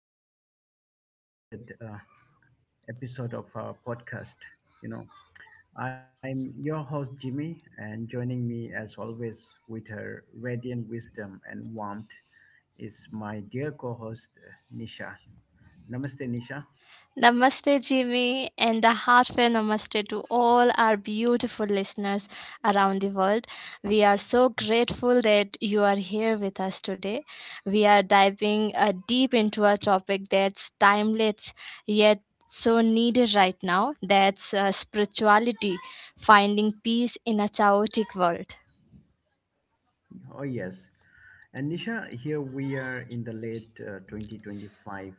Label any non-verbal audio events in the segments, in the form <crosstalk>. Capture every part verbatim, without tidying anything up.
very special extended uh, episode of our podcast. You know, I'm your host Jimmy, and joining me as always with her radiant wisdom and warmth is my dear co-host uh, Nisha. Namaste, Nisha. Namaste, Jimmy, and a heartfelt namaste to all our beautiful listeners around the world. We are so grateful that you are here with us today. We are diving uh, deep into a topic that's timeless yet so needed right now, that's uh, spirituality, finding peace in a chaotic world. Oh yes, and Nisha, here we are in the late uh, twenty twenty-five,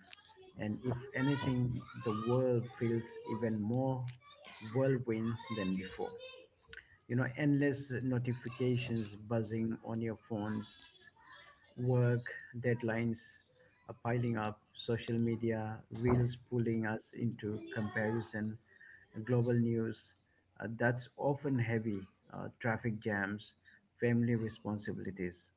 and if anything, the world feels even more whirlwind than before, you know, endless notifications buzzing on your phones, work deadlines are piling up, social media reels pulling us into comparison, global news uh, that's often heavy, uh, traffic jams, family responsibilities.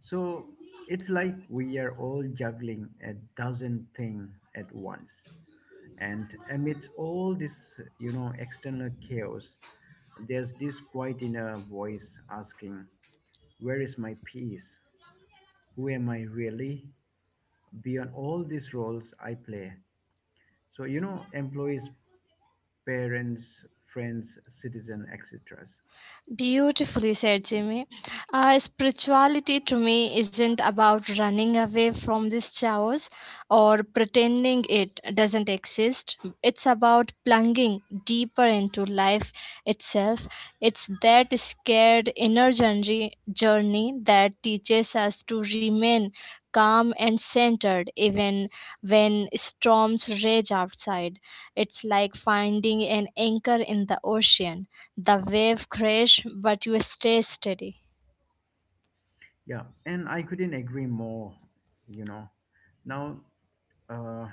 So it's like we are all juggling a dozen things at once. And amidst all this, you know, external chaos, there's this quiet inner voice asking, where is my peace? Who am I really? Beyond all these roles I play. So, you know, employees, parents, friends, citizen, et cetera. Beautifully said, Jimmy. Uh, spirituality to me isn't about running away from these chaos or pretending it doesn't exist. It's about plunging deeper into life itself. It's that scared inner journey, journey that teaches us to remain calm and centered even when storms rage outside. It's like finding an anchor in the ocean. The wave crash, but you stay steady. Yeah, and I couldn't agree more, you know. Now, uh,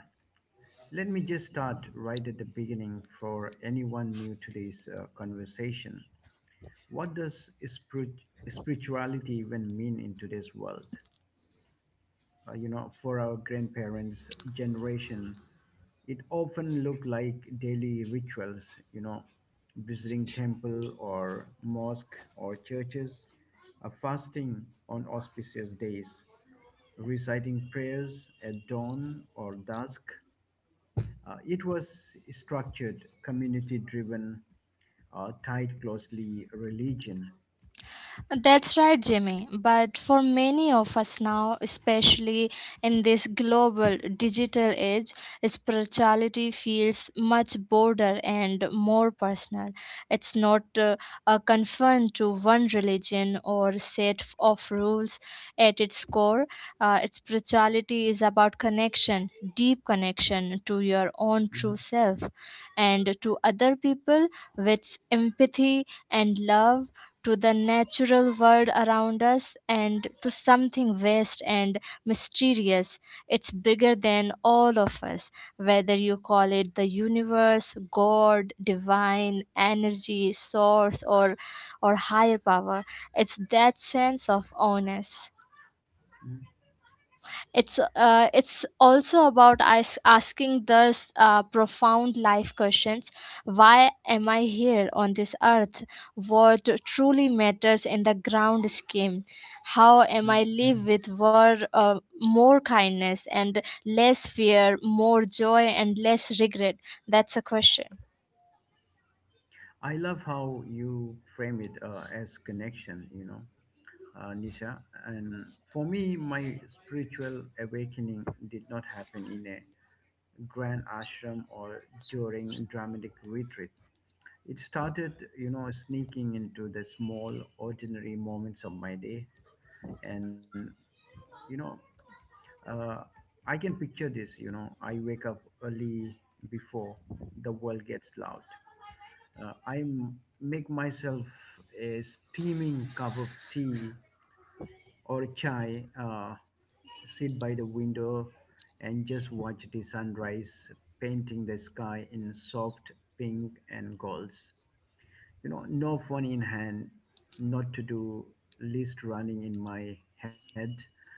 let me just start right at the beginning for anyone new to this uh, conversation. What does spirit- spirituality even mean in today's world? Uh, you know, for our grandparents' generation, it often looked like daily rituals, you know, visiting temple or mosque or churches, uh, fasting on auspicious days, reciting prayers at dawn or dusk. Uh, it was structured, community driven, uh, tied closely religion. That's right, Jimmy. But for many of us now, especially in this global digital age, spirituality feels much broader and more personal. It's not uh, uh, confined to one religion or set of rules at its core. Uh, spirituality is about connection, deep connection to your own true Mhm, self, and to other people with empathy and love, to the natural world around us, and to something vast and mysterious. It's bigger than all of us, whether you call it the universe, God, divine, energy, source, or, or higher power. It's that sense of oneness. mhm. It's uh, it's also about as- asking those uh, profound life questions: Why am I here on this earth? What truly matters in the ground scheme? How am I Mhm. live with wor- uh, more kindness and less fear, more joy and less regret? That's a question. I love how you frame it uh, as connection, you know, uh, Nisha. And for me, my spiritual awakening did not happen in a grand ashram or during dramatic retreat. It started, you know, sneaking into the small, ordinary moments of my day. And, you know, uh, I can picture this, you know, I wake up early before the world gets loud. Uh, I m- make myself a steaming cup of tea or chai, uh, sit by the window and just watch the sunrise painting the sky in soft pink and golds. You know, no phone in hand, not to do list running in my head,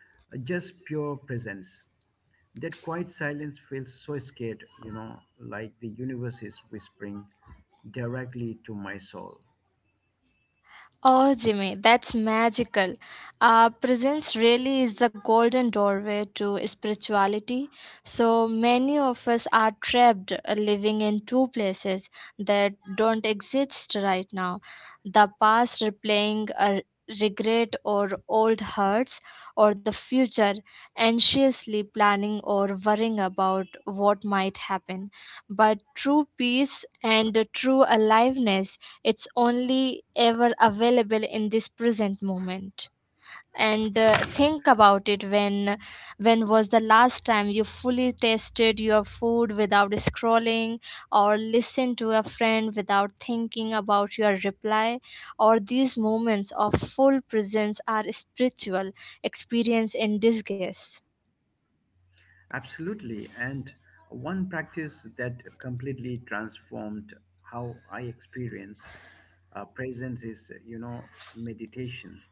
uh, just pure presence. That quiet silence feels so scared, you know, like the universe is whispering directly to my soul. Oh, Jimmy, that's magical. Uh, presence really is the golden doorway to spirituality. So many of us are trapped uh, living in two places that don't exist right now. The past replaying a regret or old hurts, or the future anxiously planning or worrying about what might happen. But true peace and true aliveness, it's only ever available in this present moment. And uh, think about it, when when was the last time you fully tasted your food without scrolling, or listened to a friend without thinking about your reply? Or these moments of full presence are spiritual experience in disguise. Absolutely. And one practice that completely transformed how I experience uh, presence is, you know, meditation.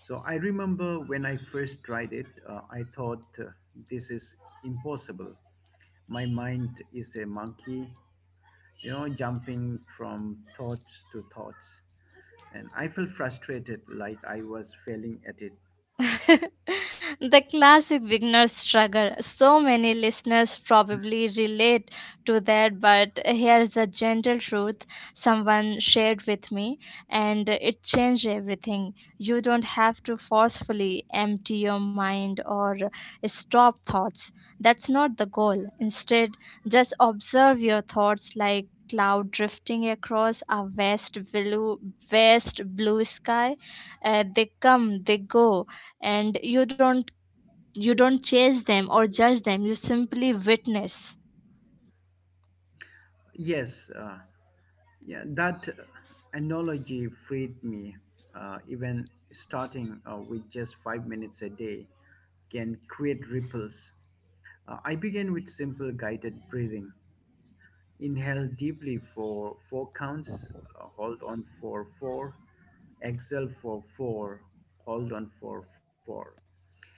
So I remember when I first tried it, uh, I thought, uh, this is impossible. My mind is a monkey, you know, jumping from thoughts to thoughts. And I felt frustrated, like I was failing at it. <laughs> The classic beginner struggle. So many listeners probably relate to that, but here's the gentle truth someone shared with me, and it changed everything. You don't have to forcefully empty your mind or stop thoughts. That's not the goal. Instead, just observe your thoughts like cloud drifting across a vast blue vast blue sky. Uh, they come, they go, and you don't, you don't chase them or judge them, you simply witness. Yes, uh, Yeah, that analogy freed me. Uh, even starting uh, with just five minutes a day can create ripples. Uh, I began with simple guided breathing. Inhale deeply for four counts, uh, hold on for four, exhale for four, hold on for four.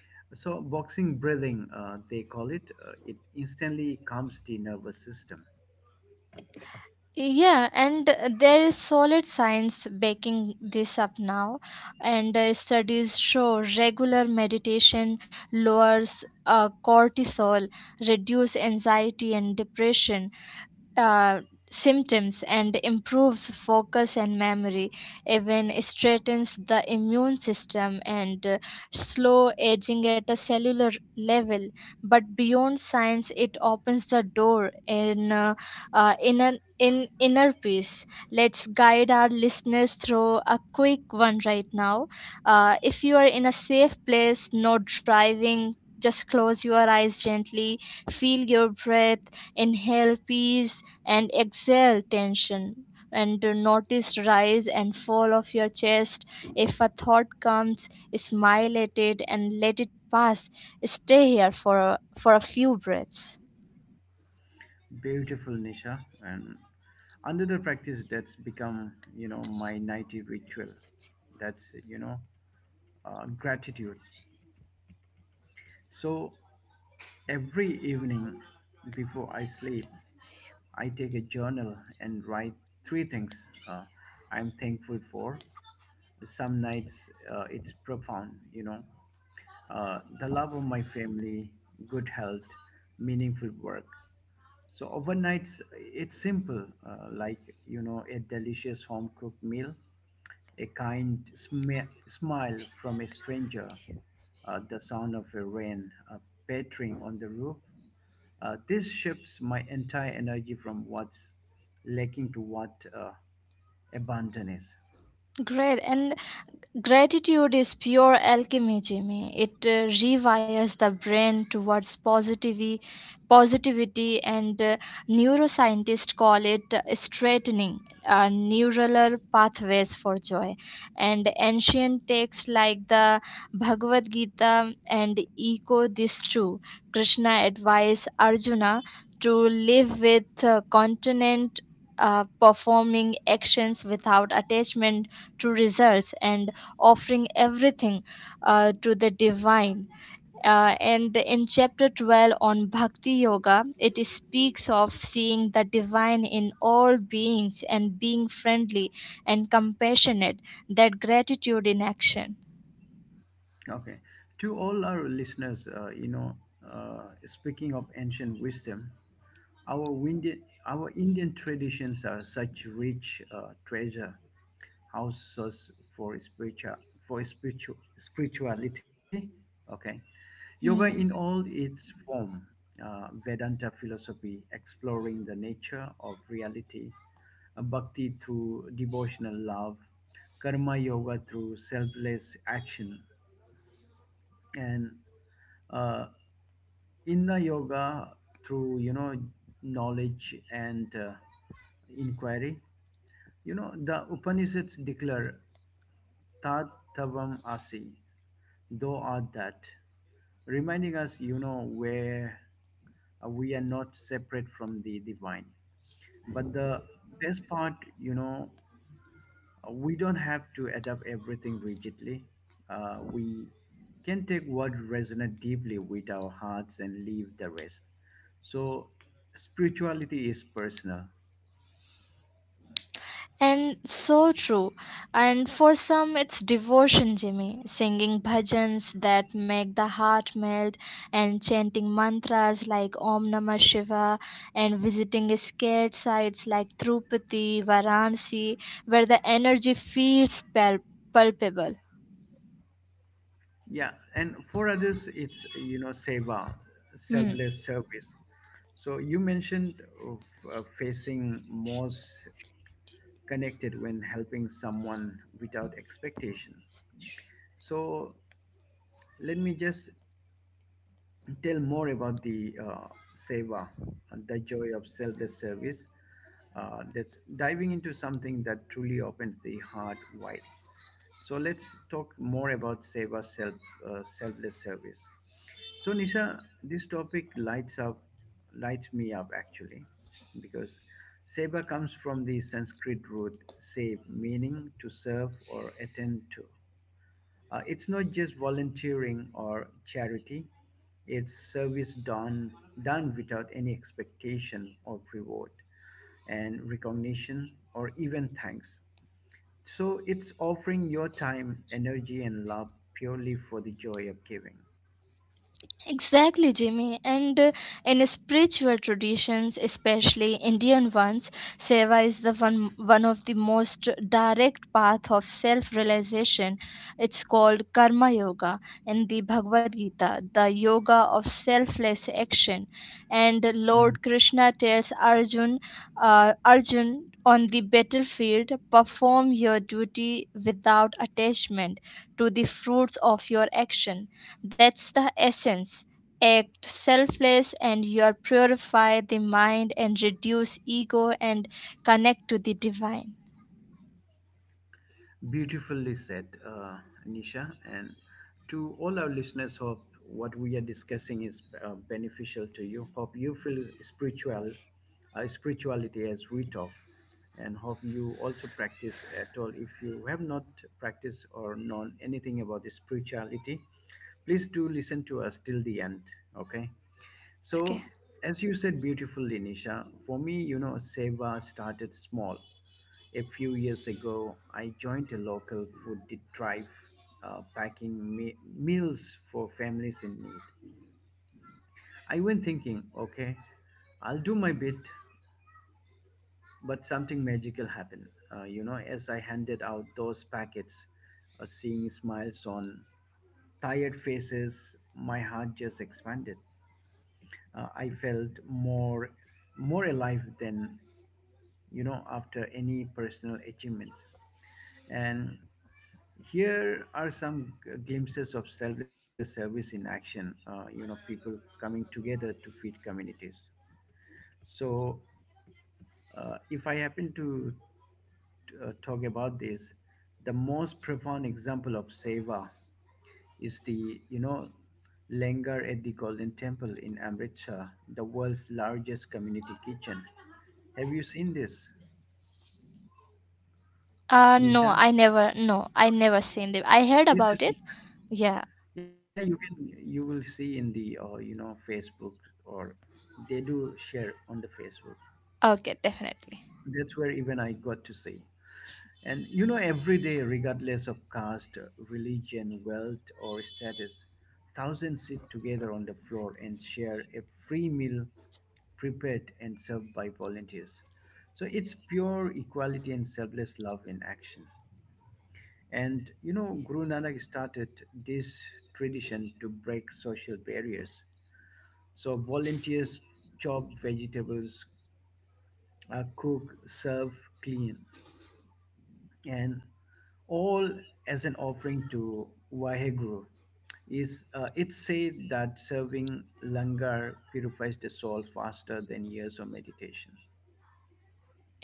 So, boxing breathing, uh, they call it, uh, it instantly calms the nervous system. Yeah, and uh, there is solid science backing this up now. And uh, studies show regular meditation lowers uh, cortisol, reduce anxiety and depression uh, symptoms, and improves focus and memory, even strengthens the immune system, and uh, slow aging at a cellular level. But beyond science, it opens the door in uh, uh, in an in inner peace. Let's guide our listeners through a quick one right now. Uh, if you are in a safe place, no driving, just close your eyes gently, feel your breath, inhale peace and exhale tension, and notice rise and fall of your chest. If a thought comes, smile at it and let it pass. Stay here for a, for a few breaths. Beautiful, Nisha. And another practice that's become, you know, my nightly ritual. That's, you know, uh, gratitude. So every evening before I sleep, I take a journal and write three things uh, I'm thankful for. Some nights uh, it's profound, you know, uh, the love of my family, good health, meaningful work. So overnights, it's simple, uh, like you know, a delicious home cooked meal, a kind smi- smile from a stranger, uh, the sound of a rain uh, pattering on the roof. Uh, this shifts my entire energy from what's lacking to what uh, abundant is. Great. And gratitude is pure alchemy, Jimmy. It uh, rewires the brain towards positivity positivity. And uh, neuroscientists call it uh, straightening uh, neural pathways for joy. And ancient texts like the Bhagavad Gita and echo this too. Krishna advised Arjuna to live with uh, continent, uh, performing actions without attachment to results, and offering everything uh, to the divine. Uh, and in chapter twelve on Bhakti Yoga, it speaks of seeing the divine in all beings and being friendly and compassionate, that gratitude in action. Okay, to all our listeners, uh, you know, uh, speaking of ancient wisdom. Our, Indian, our Indian traditions are such rich uh, treasure houses for spiritual for spiritual spirituality. Okay, yoga Hmm. in all its form, uh, Vedanta philosophy exploring the nature of reality, uh, bhakti through devotional love, karma yoga through selfless action, and uh, inner yoga through, you know, knowledge and uh, inquiry. You know, the Upanishads declare Tat Tavam Asi, thou art that, reminding us, you know, where uh, we are not separate from the divine. But the best part, you know, uh, we don't have to adapt everything rigidly. Uh, we can take what resonates deeply with our hearts and leave the rest. So, spirituality is personal. And so true. And for some, it's devotion, Jimmy. Singing bhajans that make the heart melt, and chanting mantras like Om Namah Shiva, and visiting scared sites like Tirupati, Varanasi, where the energy feels pal- palpable. Yeah, and for others, it's you know seva, Hmm. selfless service. So you mentioned of uh, facing most connected when helping someone without expectation. So let me just tell more about the uh, seva, the joy of selfless service. Uh, that's diving into something that truly opens the heart wide. So let's talk more about seva, self, uh, selfless service. So Nisha, this topic lights up, lights me up actually, because seva comes from the Sanskrit root save, meaning to serve or attend to. Uh, it's not just volunteering or charity; it's service done done without any expectation of reward and recognition or even thanks. So it's offering your time, energy, and love purely for the joy of giving. Exactly, Jimmy. And uh, in spiritual traditions, especially Indian ones, seva is the one one of the most direct path of self-realization. It's called karma yoga in the Bhagavad Gita, the yoga of selfless action. And Mm. Lord Krishna tells Arjun, uh, Arjun on the battlefield, perform your duty without attachment to the fruits of your action, that's the essence. Act selfless and you purify the mind and reduce ego and connect to the divine. Beautifully said, uh, Nisha. And to all our listeners, hope what we are discussing is uh, beneficial to you. Hope you feel spiritual, uh, spirituality as we talk, and hope you also practice at all. If you have not practiced or known anything about the spirituality, please do listen to us till the end. Okay. Okay. So, as you said beautifully, Nisha, for me, you know, Seva started small. A few years ago, I joined a local food di- drive, uh, packing me- meals for families in need. I went thinking, okay, I'll do my bit, but something magical happened. Uh, you know, as I handed out those packets, uh, seeing smiles on tired faces, my heart just expanded. Uh, I felt more more alive than, you know, after any personal achievements. And here are some g- glimpses of selfless service in action, uh, you know, people coming together to feed communities. So, uh, if I happen to uh, talk about this, the most profound example of seva is the, you know, Langar at the Golden Temple in Amritsar, the world's largest community kitchen. Have you seen this, Uh no, Nisha? I never no, I never seen the, I heard This about is it. interesting. Yeah. Yeah, you can you will see in the uh, you know Facebook or they do share on the Facebook. Okay, definitely. That's where even I got to see. And you know every day regardless of caste, religion, wealth or status, thousands sit together on the floor and share a free meal prepared and served by volunteers. So it's pure equality and selfless love in action. And you know, Guru Nanak started this tradition to break social barriers. So volunteers chop vegetables, uh, cook, serve, clean, and all as an offering to Vaheguru. Is uh, it's said that serving langar purifies the soul faster than years of meditation.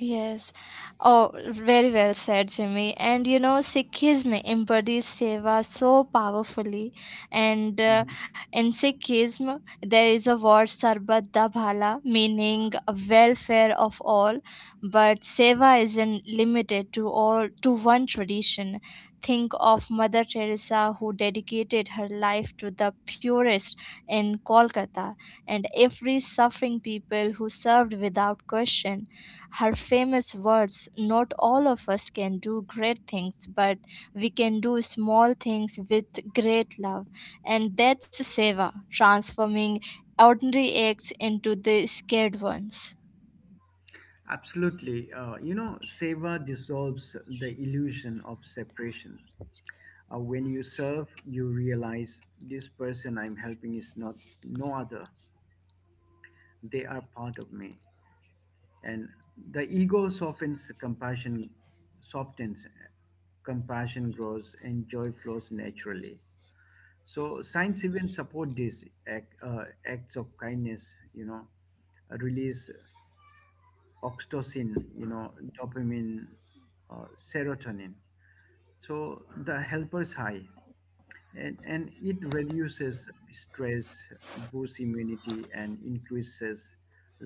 Yes. Oh, very well said, Jimmy. And you know, Sikhism embodies seva so powerfully. And uh, Mhm. in Sikhism, there is a word Sarbat da Bhala, meaning welfare of all. But seva isn't limited to all to one tradition. Think of Mother Teresa, who dedicated her life to the purest in Kolkata, and every suffering people who served without question. Her famous words: Not all of us can do great things, but we can do small things with great love. And that's seva, transforming ordinary acts into the scared ones. Absolutely. Uh, you know, seva dissolves the illusion of separation. Uh, when you serve, you realize this person I'm helping is not no other. They are part of me. And the ego softens, compassion softens uh, compassion grows and joy flows naturally. So science even support these act, uh, acts of kindness, you know, uh, release oxytocin, you know, dopamine, uh, serotonin, so the helpers high. And, and it reduces stress, boosts immunity and increases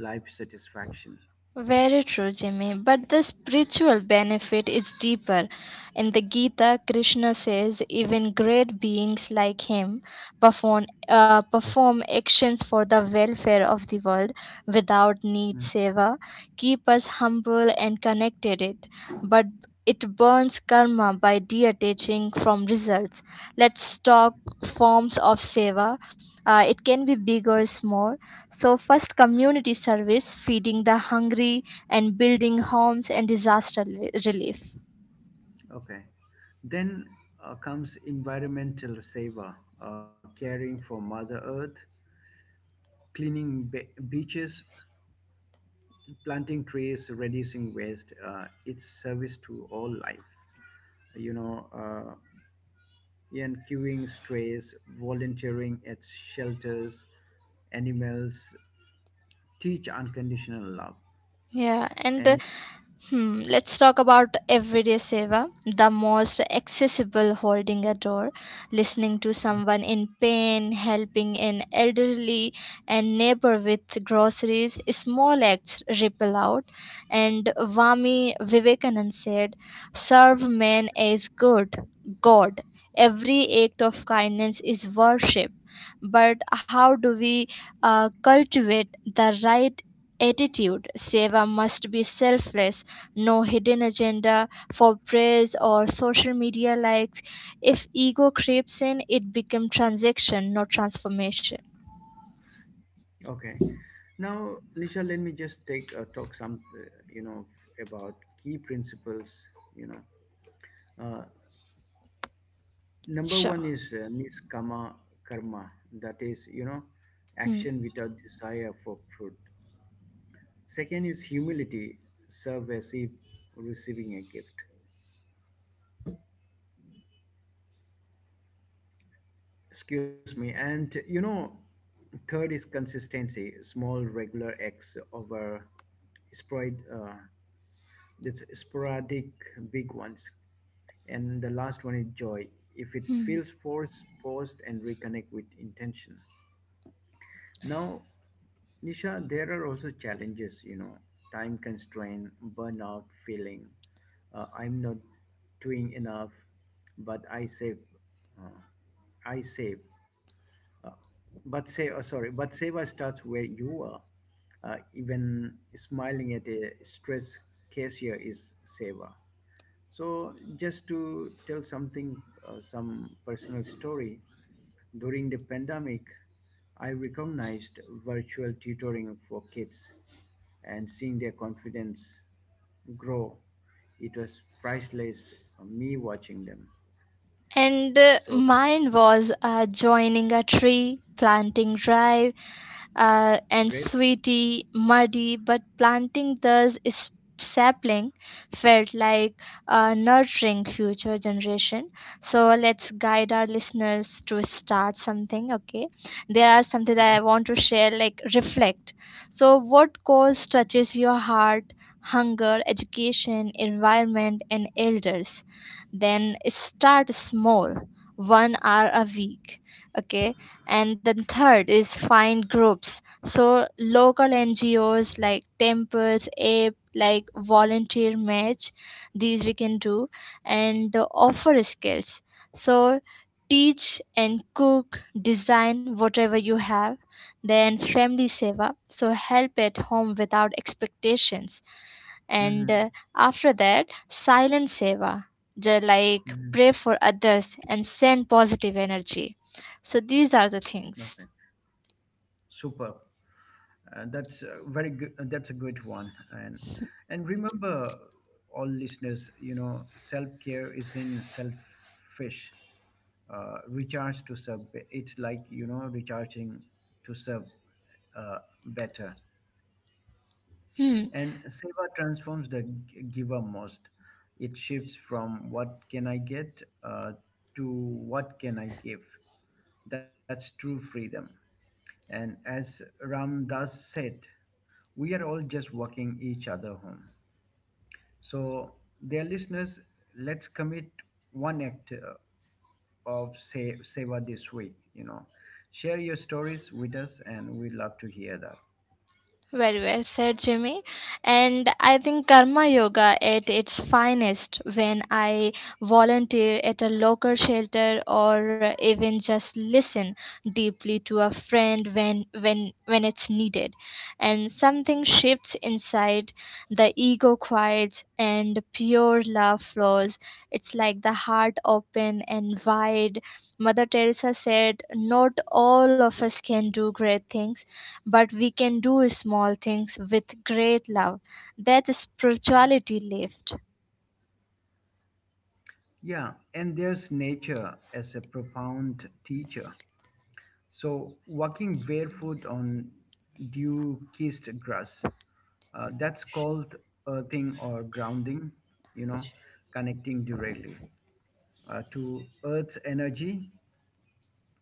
life satisfaction. Very true, Jimmy. But the spiritual benefit is deeper. In the Gita, Krishna says even great beings like him perform, uh, perform actions for the welfare of the world without need Mm-hmm. seva, keep us humble and connected it. But it burns karma by detaching from results. Let's talk forms of seva. Uh, it can be big or small. So, first, community service, feeding the hungry and building homes and disaster li- relief. Okay. Then uh, comes environmental saver, uh, caring for Mother Earth, cleaning be- beaches, planting trees, reducing waste. Uh, it's service to all life. You know, uh, and queuing strays, volunteering at shelters, animals, teach unconditional love. Yeah, and uh, And hmm, let's talk about Everyday Seva, the most accessible, holding a door, listening to someone in pain, helping an elderly and neighbor with groceries. Small acts ripple out. And Vami Vivekanand said, serve man as good, God. Every act of kindness is worship. But how do we uh, cultivate the right attitude? Seva must be selfless, no hidden agenda for praise or social media likes. If ego creeps in, it becomes transaction, not transformation. okay. Now, Nisha, let me just take uh, talk some, uh, you know, f- about key principles, you know. Uh, Number one Sure. is uh, niskama karma, that is, you know, Hmm. action without desire for fruit. Second is humility, serve as if receiving a gift. Excuse me. And, you know, third is consistency, small regular acts over spread, uh, that's sporadic big ones. And the last one is joy. If it Hmm. feels forced, paused, and reconnect with intention. Now, Nisha, there are also challenges, you know, time constraint, burnout feeling. Uh, I'm not doing enough, but I save, uh, I save. Uh, but save. Oh, sorry, But Seva starts where you are. Uh, even smiling at a stress cashier is Seva. So, just to tell something, uh, some personal story. During the pandemic, I recognized virtual tutoring for kids and seeing their confidence grow. It was priceless, uh, me watching them. And uh, So mine was uh, joining a tree planting drive, uh, and great. sweaty, muddy, but planting those is- sapling felt like uh, nurturing future generation. So let's guide our listeners to start something. Okay, there are something that I want to share. Like reflect. So what cause touches your heart? Hunger, education, environment, and elders. Then start small, one hour a week. Okay, and then third is find groups, so local ngos like temples ape like volunteer match, these we can do. And uh, offer skills, so teach and cook, design whatever you have. Then family seva, so help at home without expectations. And uh, Hmm. after that, silent seva, ju- like Hmm. pray for others and send positive energy. So these are the Okay, things. super. Uh, that's a very good. Uh, that's a good one. And and remember, all listeners, you know, self care is in selfish. Uh, recharge to sub. It's like you know recharging to sub, uh, better. Hmm. And seva transforms the g- giver most. It shifts from what can I get uh, to what can I give. That's true freedom. And as Ram Das said, we are all just walking each other home. So, dear listeners, let's commit one act uh, of se- seva this week. You know, share your stories with us, and we love to hear that. Very well said, Jimmy. And I think karma yoga at its finest when I volunteer at a local shelter, or even just listen deeply to a friend when when when it's needed. And something shifts inside, the ego quiets and pure love flows. It's like the heart open and wide. Mother Teresa said, Not all of us can do great things but we can do small things with great love. That spirituality lived. Yeah, and there's nature as a profound teacher. So, walking barefoot on dew kissed grass, uh, that's called earthing or grounding, you know, connecting directly uh, to Earth's energy.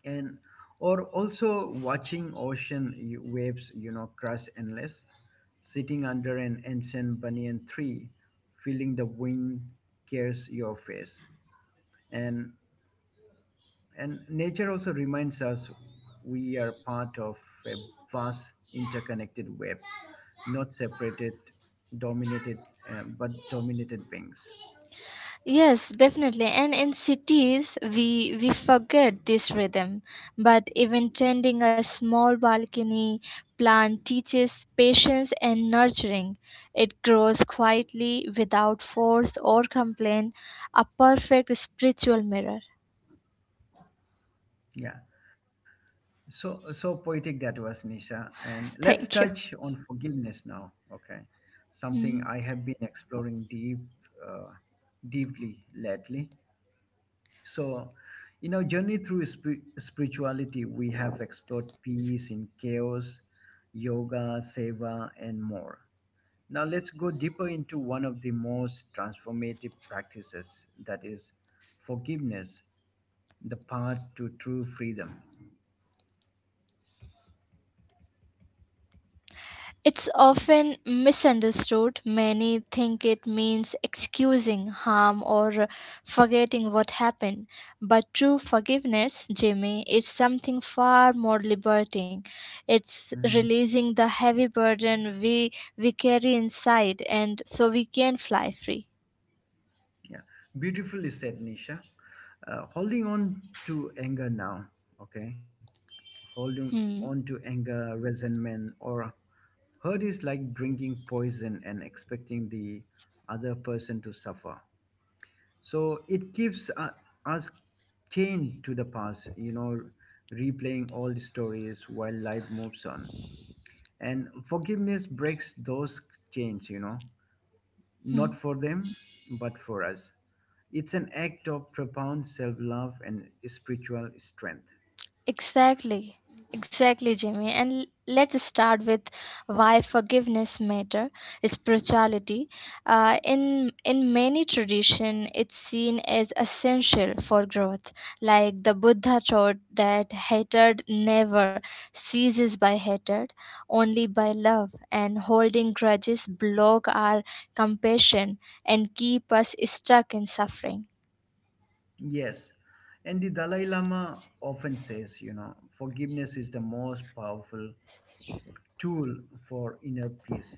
And Or also watching ocean y- waves, you know, crash endless, sitting under an ancient banyan tree, feeling the wind caress your face. And And nature also reminds us we are part of a vast interconnected web, not separated, dominated, uh, but dominated beings. Yes, definitely. And in cities, we we forget this rhythm. But even tending a small balcony plant teaches patience and nurturing. It grows quietly without force or complaint. A perfect spiritual mirror. Yeah. So, so poetic that was, Nisha. And let's Thank you. touch on forgiveness now. Okay. Something Hmm. I have been exploring deep, uh, deeply lately. So, in our journey through spir- spirituality, we have explored peace in chaos, yoga, seva, and more. Now, let's go deeper into one of the most transformative practices, that is forgiveness, the path to true freedom. It's often misunderstood. Many think it means excusing harm or forgetting what happened. But true forgiveness, Jimmy, is something far more liberating. It's Mhm. releasing the heavy burden we, we carry inside, and so we can fly free. Yeah, beautifully said, Nisha. Uh, holding on to anger now, okay? Holding on Hmm. to anger, resentment, or hurt is like drinking poison and expecting the other person to suffer. So it keeps uh, us chained to the past, you know, replaying old stories while life moves on. And forgiveness breaks those chains, you know, Hmm. not for them, but for us. It's an act of profound self love and spiritual strength. Exactly. Exactly, Jimmy. And l- let's start with why forgiveness matter. Spirituality, uh, in in many tradition, it's seen as essential for growth. Like the Buddha taught that hatred never ceases by hatred, only by love. And holding grudges block our compassion and keep us stuck in suffering. Yes. And the Dalai Lama often says, you know, forgiveness is the most powerful tool for inner peace.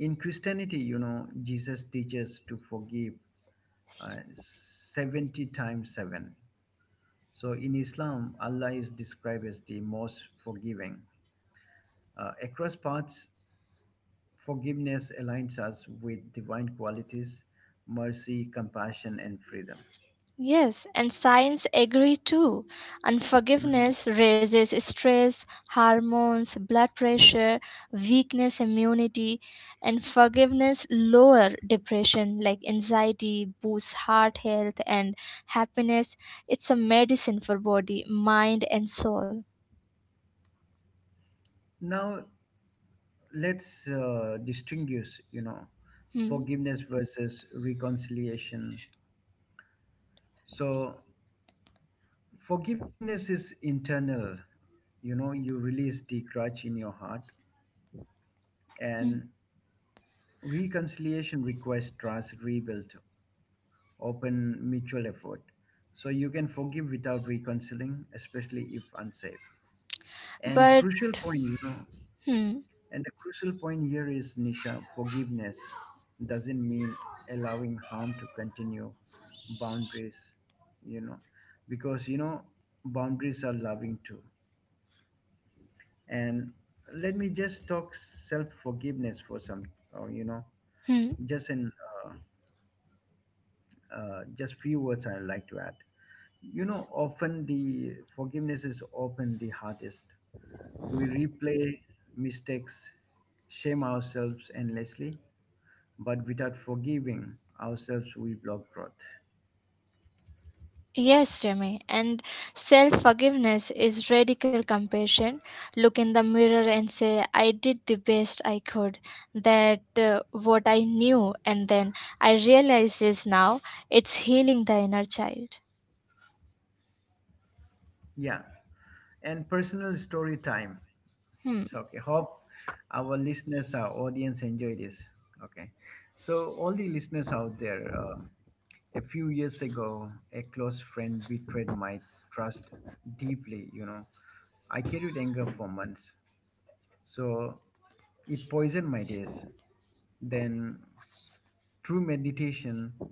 In Christianity, you know, Jesus teaches to forgive uh, seventy times seven. So in Islam, Allah is described as the most forgiving. Uh, across paths, forgiveness aligns us with divine qualities: mercy, compassion, and freedom. Yes, and science agree too. Mhm. Unforgiveness raises stress, hormones, blood pressure, weakness immunity, and forgiveness lower depression like anxiety, boosts heart health and happiness. It's a medicine for body, mind and soul. Now, let's uh, distinguish, you know, Hmm. forgiveness versus reconciliation. So forgiveness is internal, you know, you release the grudge in your heart, Hmm. and reconciliation requires trust rebuilt, open mutual effort. So you can forgive without reconciling, especially if unsafe. and But. crucial point you know Hmm. And the crucial point here is, Nisha, forgiveness doesn't mean allowing harm to continue. Boundaries, you know, because, you know, boundaries are loving too. And let me just talk self forgiveness for some, or, you know, Hmm. just in uh, uh, just few words I'd like to add. You know, often the forgiveness is often the hardest. We replay mistakes, shame ourselves endlessly, but without forgiving ourselves we block growth. Yes, Jimmy, and self forgiveness is radical compassion. Look in the mirror and say, I did the best I could, that uh, what I knew, and then I realize this now, it's healing the inner child. Yeah, and personal story time. Hmm. So, okay, hope our listeners, our audience enjoy this. Okay, so all the listeners out there, um, a few years ago a close friend betrayed my trust deeply, you know. I carried anger for months, so it poisoned my days. Then through meditation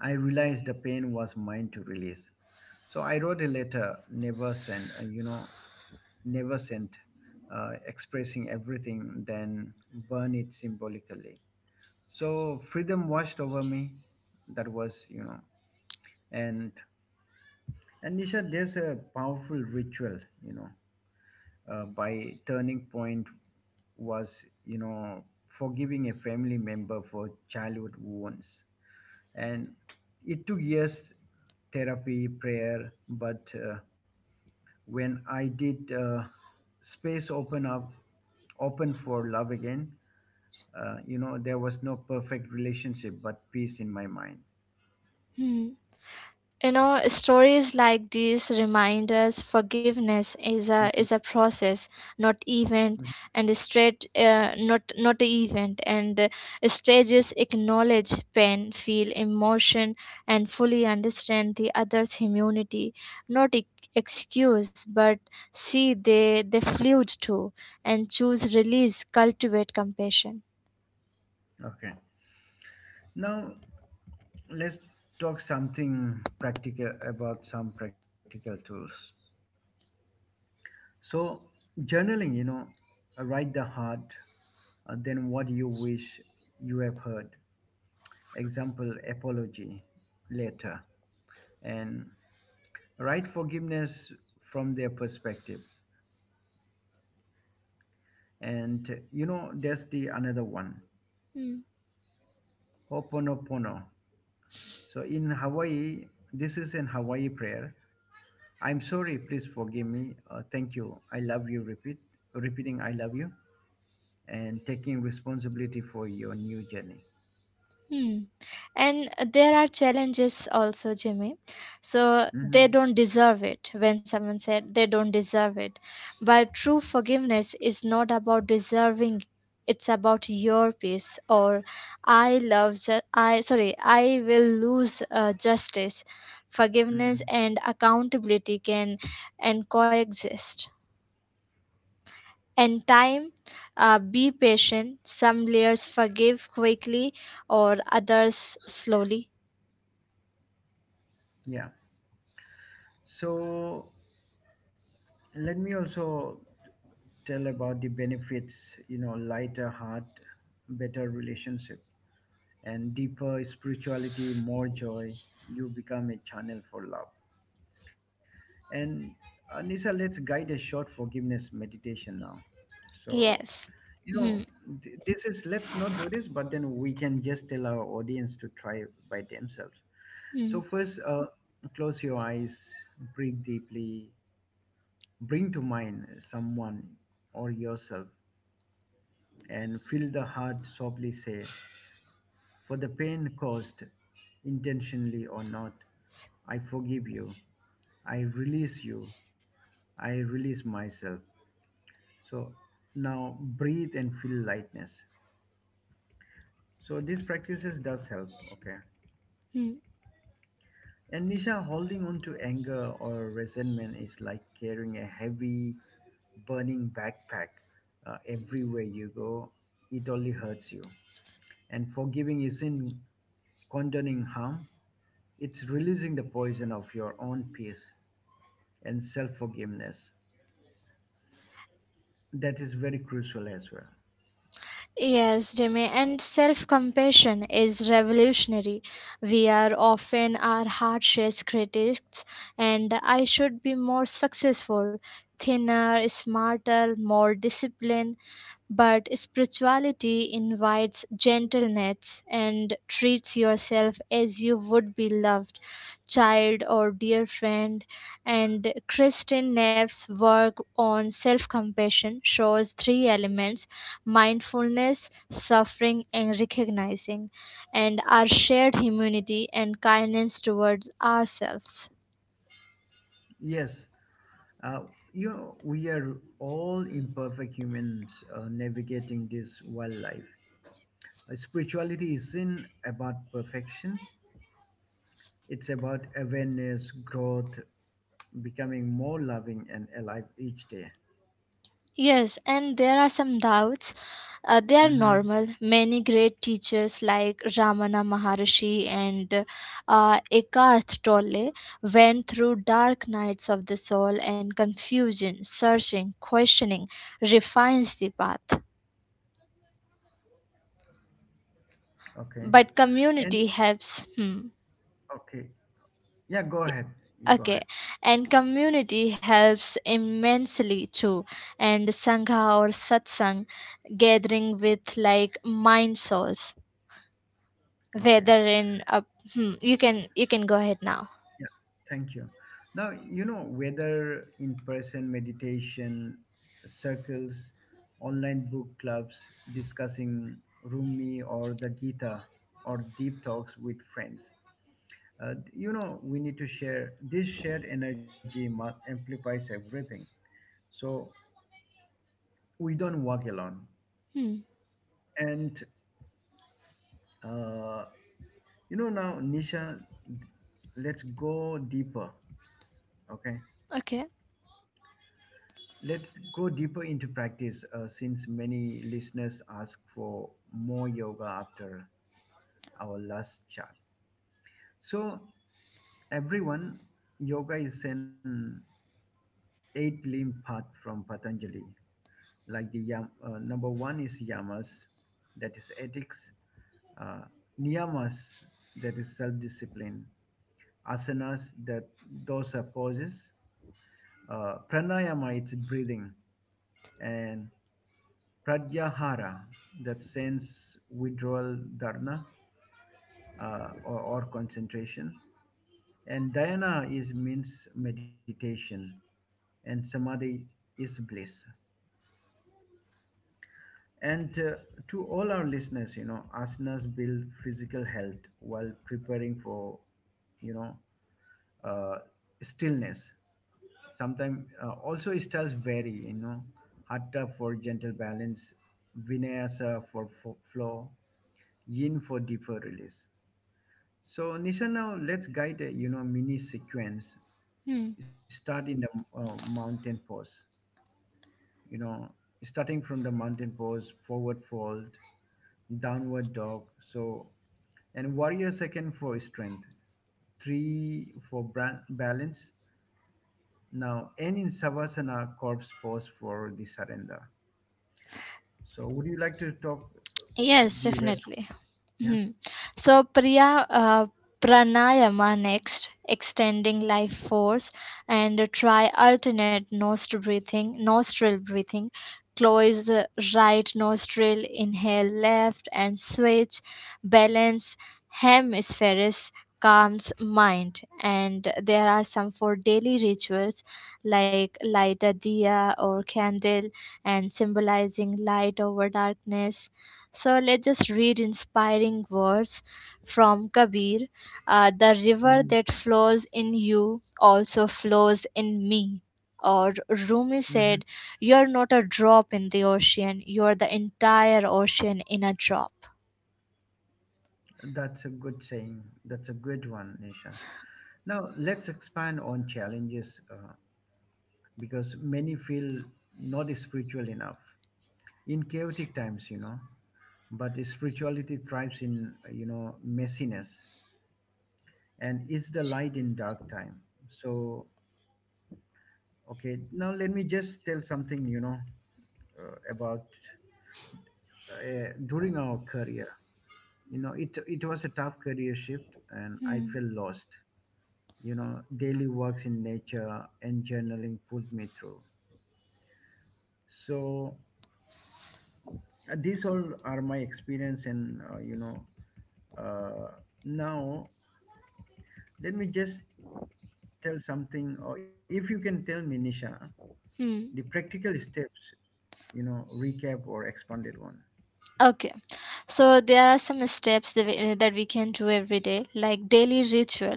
I realized the pain was mine to release. So I wrote a letter, never sent, uh, you know, never sent, uh, expressing everything, then burn it symbolically. So freedom washed over me. That was, you know, and and Nisha, there's a powerful ritual, you know, uh, by turning point was, you know, forgiving a family member for childhood wounds. And it took years, therapy, prayer, but uh, when I did, uh, space open up, open for love again. Uh, you know, there was no perfect relationship but peace in my mind. Hmm. You know, stories like these remind us forgiveness is a Mhm, is a process, not event. mhm. And straight, uh, not not a event. And uh, stages acknowledge pain, feel emotion, and fully understand the other's humanity. Not e- excuse, but see they they fluid too, and choose release, cultivate compassion. Okay, now let's talk something practical, about some practical tools. So, journaling, you know, uh, write the heart, uh, then what you wish you have heard, example apology later, and write forgiveness from their perspective. And you know, there's the another one: Hmm. ho'oponopono. So in Hawaii, this is an Hawaii prayer: I'm sorry, please forgive me, uh, thank you, I love you. Repeat repeating I love you, and taking responsibility for your new journey. Hmm. And there are challenges also, Jimmy. So they Hmm. don't deserve it, when someone said they don't deserve it. But true forgiveness is not about deserving. It's about your peace. Or I love, ju- I sorry, I will lose uh, justice. Forgiveness Hmm. and accountability can and coexist. And time, uh, be patient. Some layers forgive quickly or others slowly. Yeah, so let me also tell about the benefits, you know: lighter heart, better relationship, and deeper spirituality, more joy. You become a channel for love. And Anisa, let's guide a short forgiveness meditation now. So, Yes. you Hmm. know, th- this is, let's not do this, but then we can just tell our audience to try by themselves. So Hmm. first, uh, close your eyes, breathe deeply. Bring to mind someone or yourself and feel the heart, softly say, "For the pain caused, intentionally or not, I forgive you. I release you. I release myself." So now breathe and feel lightness. So these practices does help. Okay. Hmm. And Nisha, holding on to anger or resentment is like carrying a heavy, burning backpack uh, everywhere you go. It only hurts you. And forgiving isn't condoning harm, it's releasing the poison of your own peace. And self forgiveness, that is very crucial as well. Yes, Jimmy, and self compassion is revolutionary. We are often our harshest critics, and I should be more successful, thinner, smarter, more disciplined. But spirituality invites gentleness and treats yourself as you would be loved child or dear friend. And Kristen Neff's work on self compassion shows three elements: mindfulness, suffering, and recognizing, and our shared humanity and kindness towards ourselves. Yes, uh, you know, we are all imperfect humans uh, navigating this wildlife. Uh, spirituality isn't about perfection, it's about awareness, growth, becoming more loving and alive each day. Yes, and there are some doubts. Uh, they are Mm-hmm. normal. Many great teachers like Ramana Maharshi and uh, Eckhart Tolle went through dark nights of the soul and confusion, searching, questioning, refines the path. Okay. But And community helps. Hmm. okay. Yeah, go ahead. You go Okay, ahead. and community helps immensely too. And Sangha or Satsang gathering with like mind souls, Okay. whether in a, hmm, you can you can go ahead now. Yeah, thank you. Now, you know, whether in person meditation circles, online book clubs discussing Rumi or the Gita, or deep talks with friends, uh, you know, we need to share this shared energy mu- amplifies everything. So we don't walk alone. Hmm, And, uh, you know, now, Nisha, let's go deeper, okay? okay. Let's go deeper into practice, uh, since many listeners ask for more yoga after our last chat. So, everyone, yoga is an eight limb path from Patanjali. Like the yam, uh, number one is yamas, that is ethics, uh, niyamas, that is self discipline, asanas, that those are poses, uh, pranayama, it's breathing, and pratyahara, that sense withdrawal, dharana, uh, or, or concentration. And dhyana is means meditation, and samadhi is bliss. And uh, to all our listeners, you know, asanas build physical health while preparing for, you know, uh, stillness. Sometimes uh, also styles vary, you know, hatha for gentle balance, vinyasa for fo- flow, yin for deeper release. So Nisha, now let's guide a, you know, mini sequence. Hmm. Start in the uh, mountain pose. You know, Starting from the mountain pose, forward fold, downward dog. So, and warrior second for strength, three for bran- balance. Now and in savasana corpse pose for the surrender. So would you like to talk Yes, the rest? Of, definitely. yeah. Hmm. So Priya uh, pranayama next, extending life force, and try alternate nostril breathing, nostril breathing. Close the right nostril, inhale left, and switch. Balance hemispheres calms mind. And there are some for daily rituals, like light a diya or candle and symbolizing light over darkness. So let's just read inspiring words from Kabir. Uh, the river Mhm. that flows in you also flows in me. Or Rumi Mhm. said, You're not a drop in the ocean, you're the entire ocean in a drop. That's a good saying. That's a good one, Nisha. Now, let's expand on challenges, uh, because many feel not spiritual enough in chaotic times, you know. But spirituality thrives in, uh, you know, messiness, and is the light in dark time. So, okay, now let me just tell something, you know, uh, about uh, during our career. You know, it, it was a tough career shift and I Hmm. felt lost. You know, daily walks in nature and journaling pulled me through. So, uh, these all are my experience, and, uh, you know, uh, now let me just tell something, or if you can tell me, Nisha, Hmm. the practical steps, you know, recap or expanded one. Okay, so there are some steps that we, that we can do every day, like daily ritual.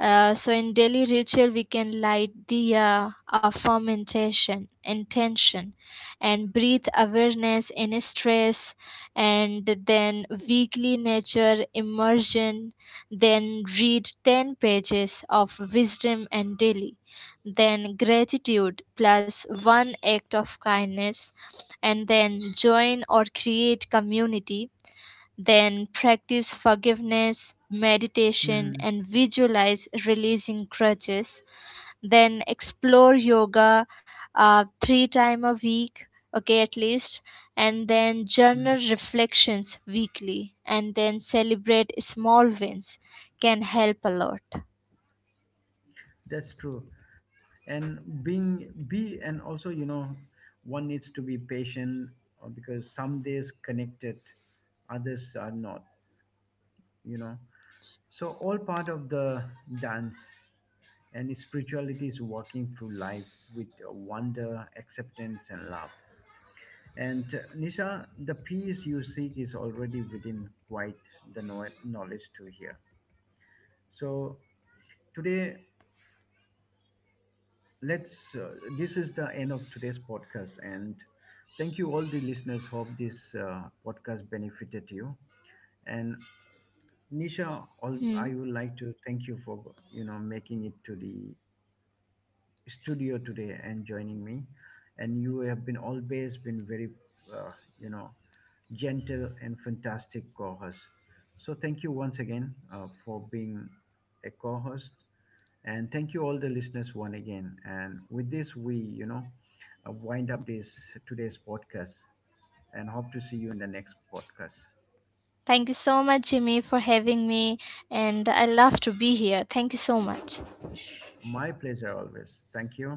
Uh, so in daily ritual we can light diya, affirm intention, intention, and breathe awareness in stress, and then weekly nature immersion, then read ten pages of wisdom and daily, then gratitude plus one act of kindness, and then join or create community, then practice forgiveness, meditation, and Mhm, visualize releasing grudges. Then explore yoga uh, three times a week, okay, at least. And then journal mhm. reflections weekly. And then celebrate small wins can help a lot. That's true. And being be and also, you know, one needs to be patient, uh, because some days connected, others are not, you know. So all part of the dance, and spirituality is walking through life with wonder, acceptance, and love. And uh, Nisha, the peace you seek is already within, quite the know- knowledge to hear. So today, let's. Uh, this is the end of today's podcast, and thank you all the listeners. Hope this uh, podcast benefited you. And Nisha, all, Hmm. I would like to thank you for, you know, making it to the studio today and joining me. And you have been always been very, uh, you know, gentle and fantastic co-host. So thank you once again uh, for being a co-host, and thank you all the listeners one again. And with this, we, you know, uh, wind up this today's podcast, and hope to see you in the next podcast. Thank you so much, Jimmy, for having me. And I love to be here. Thank you so much. My pleasure always. Thank you.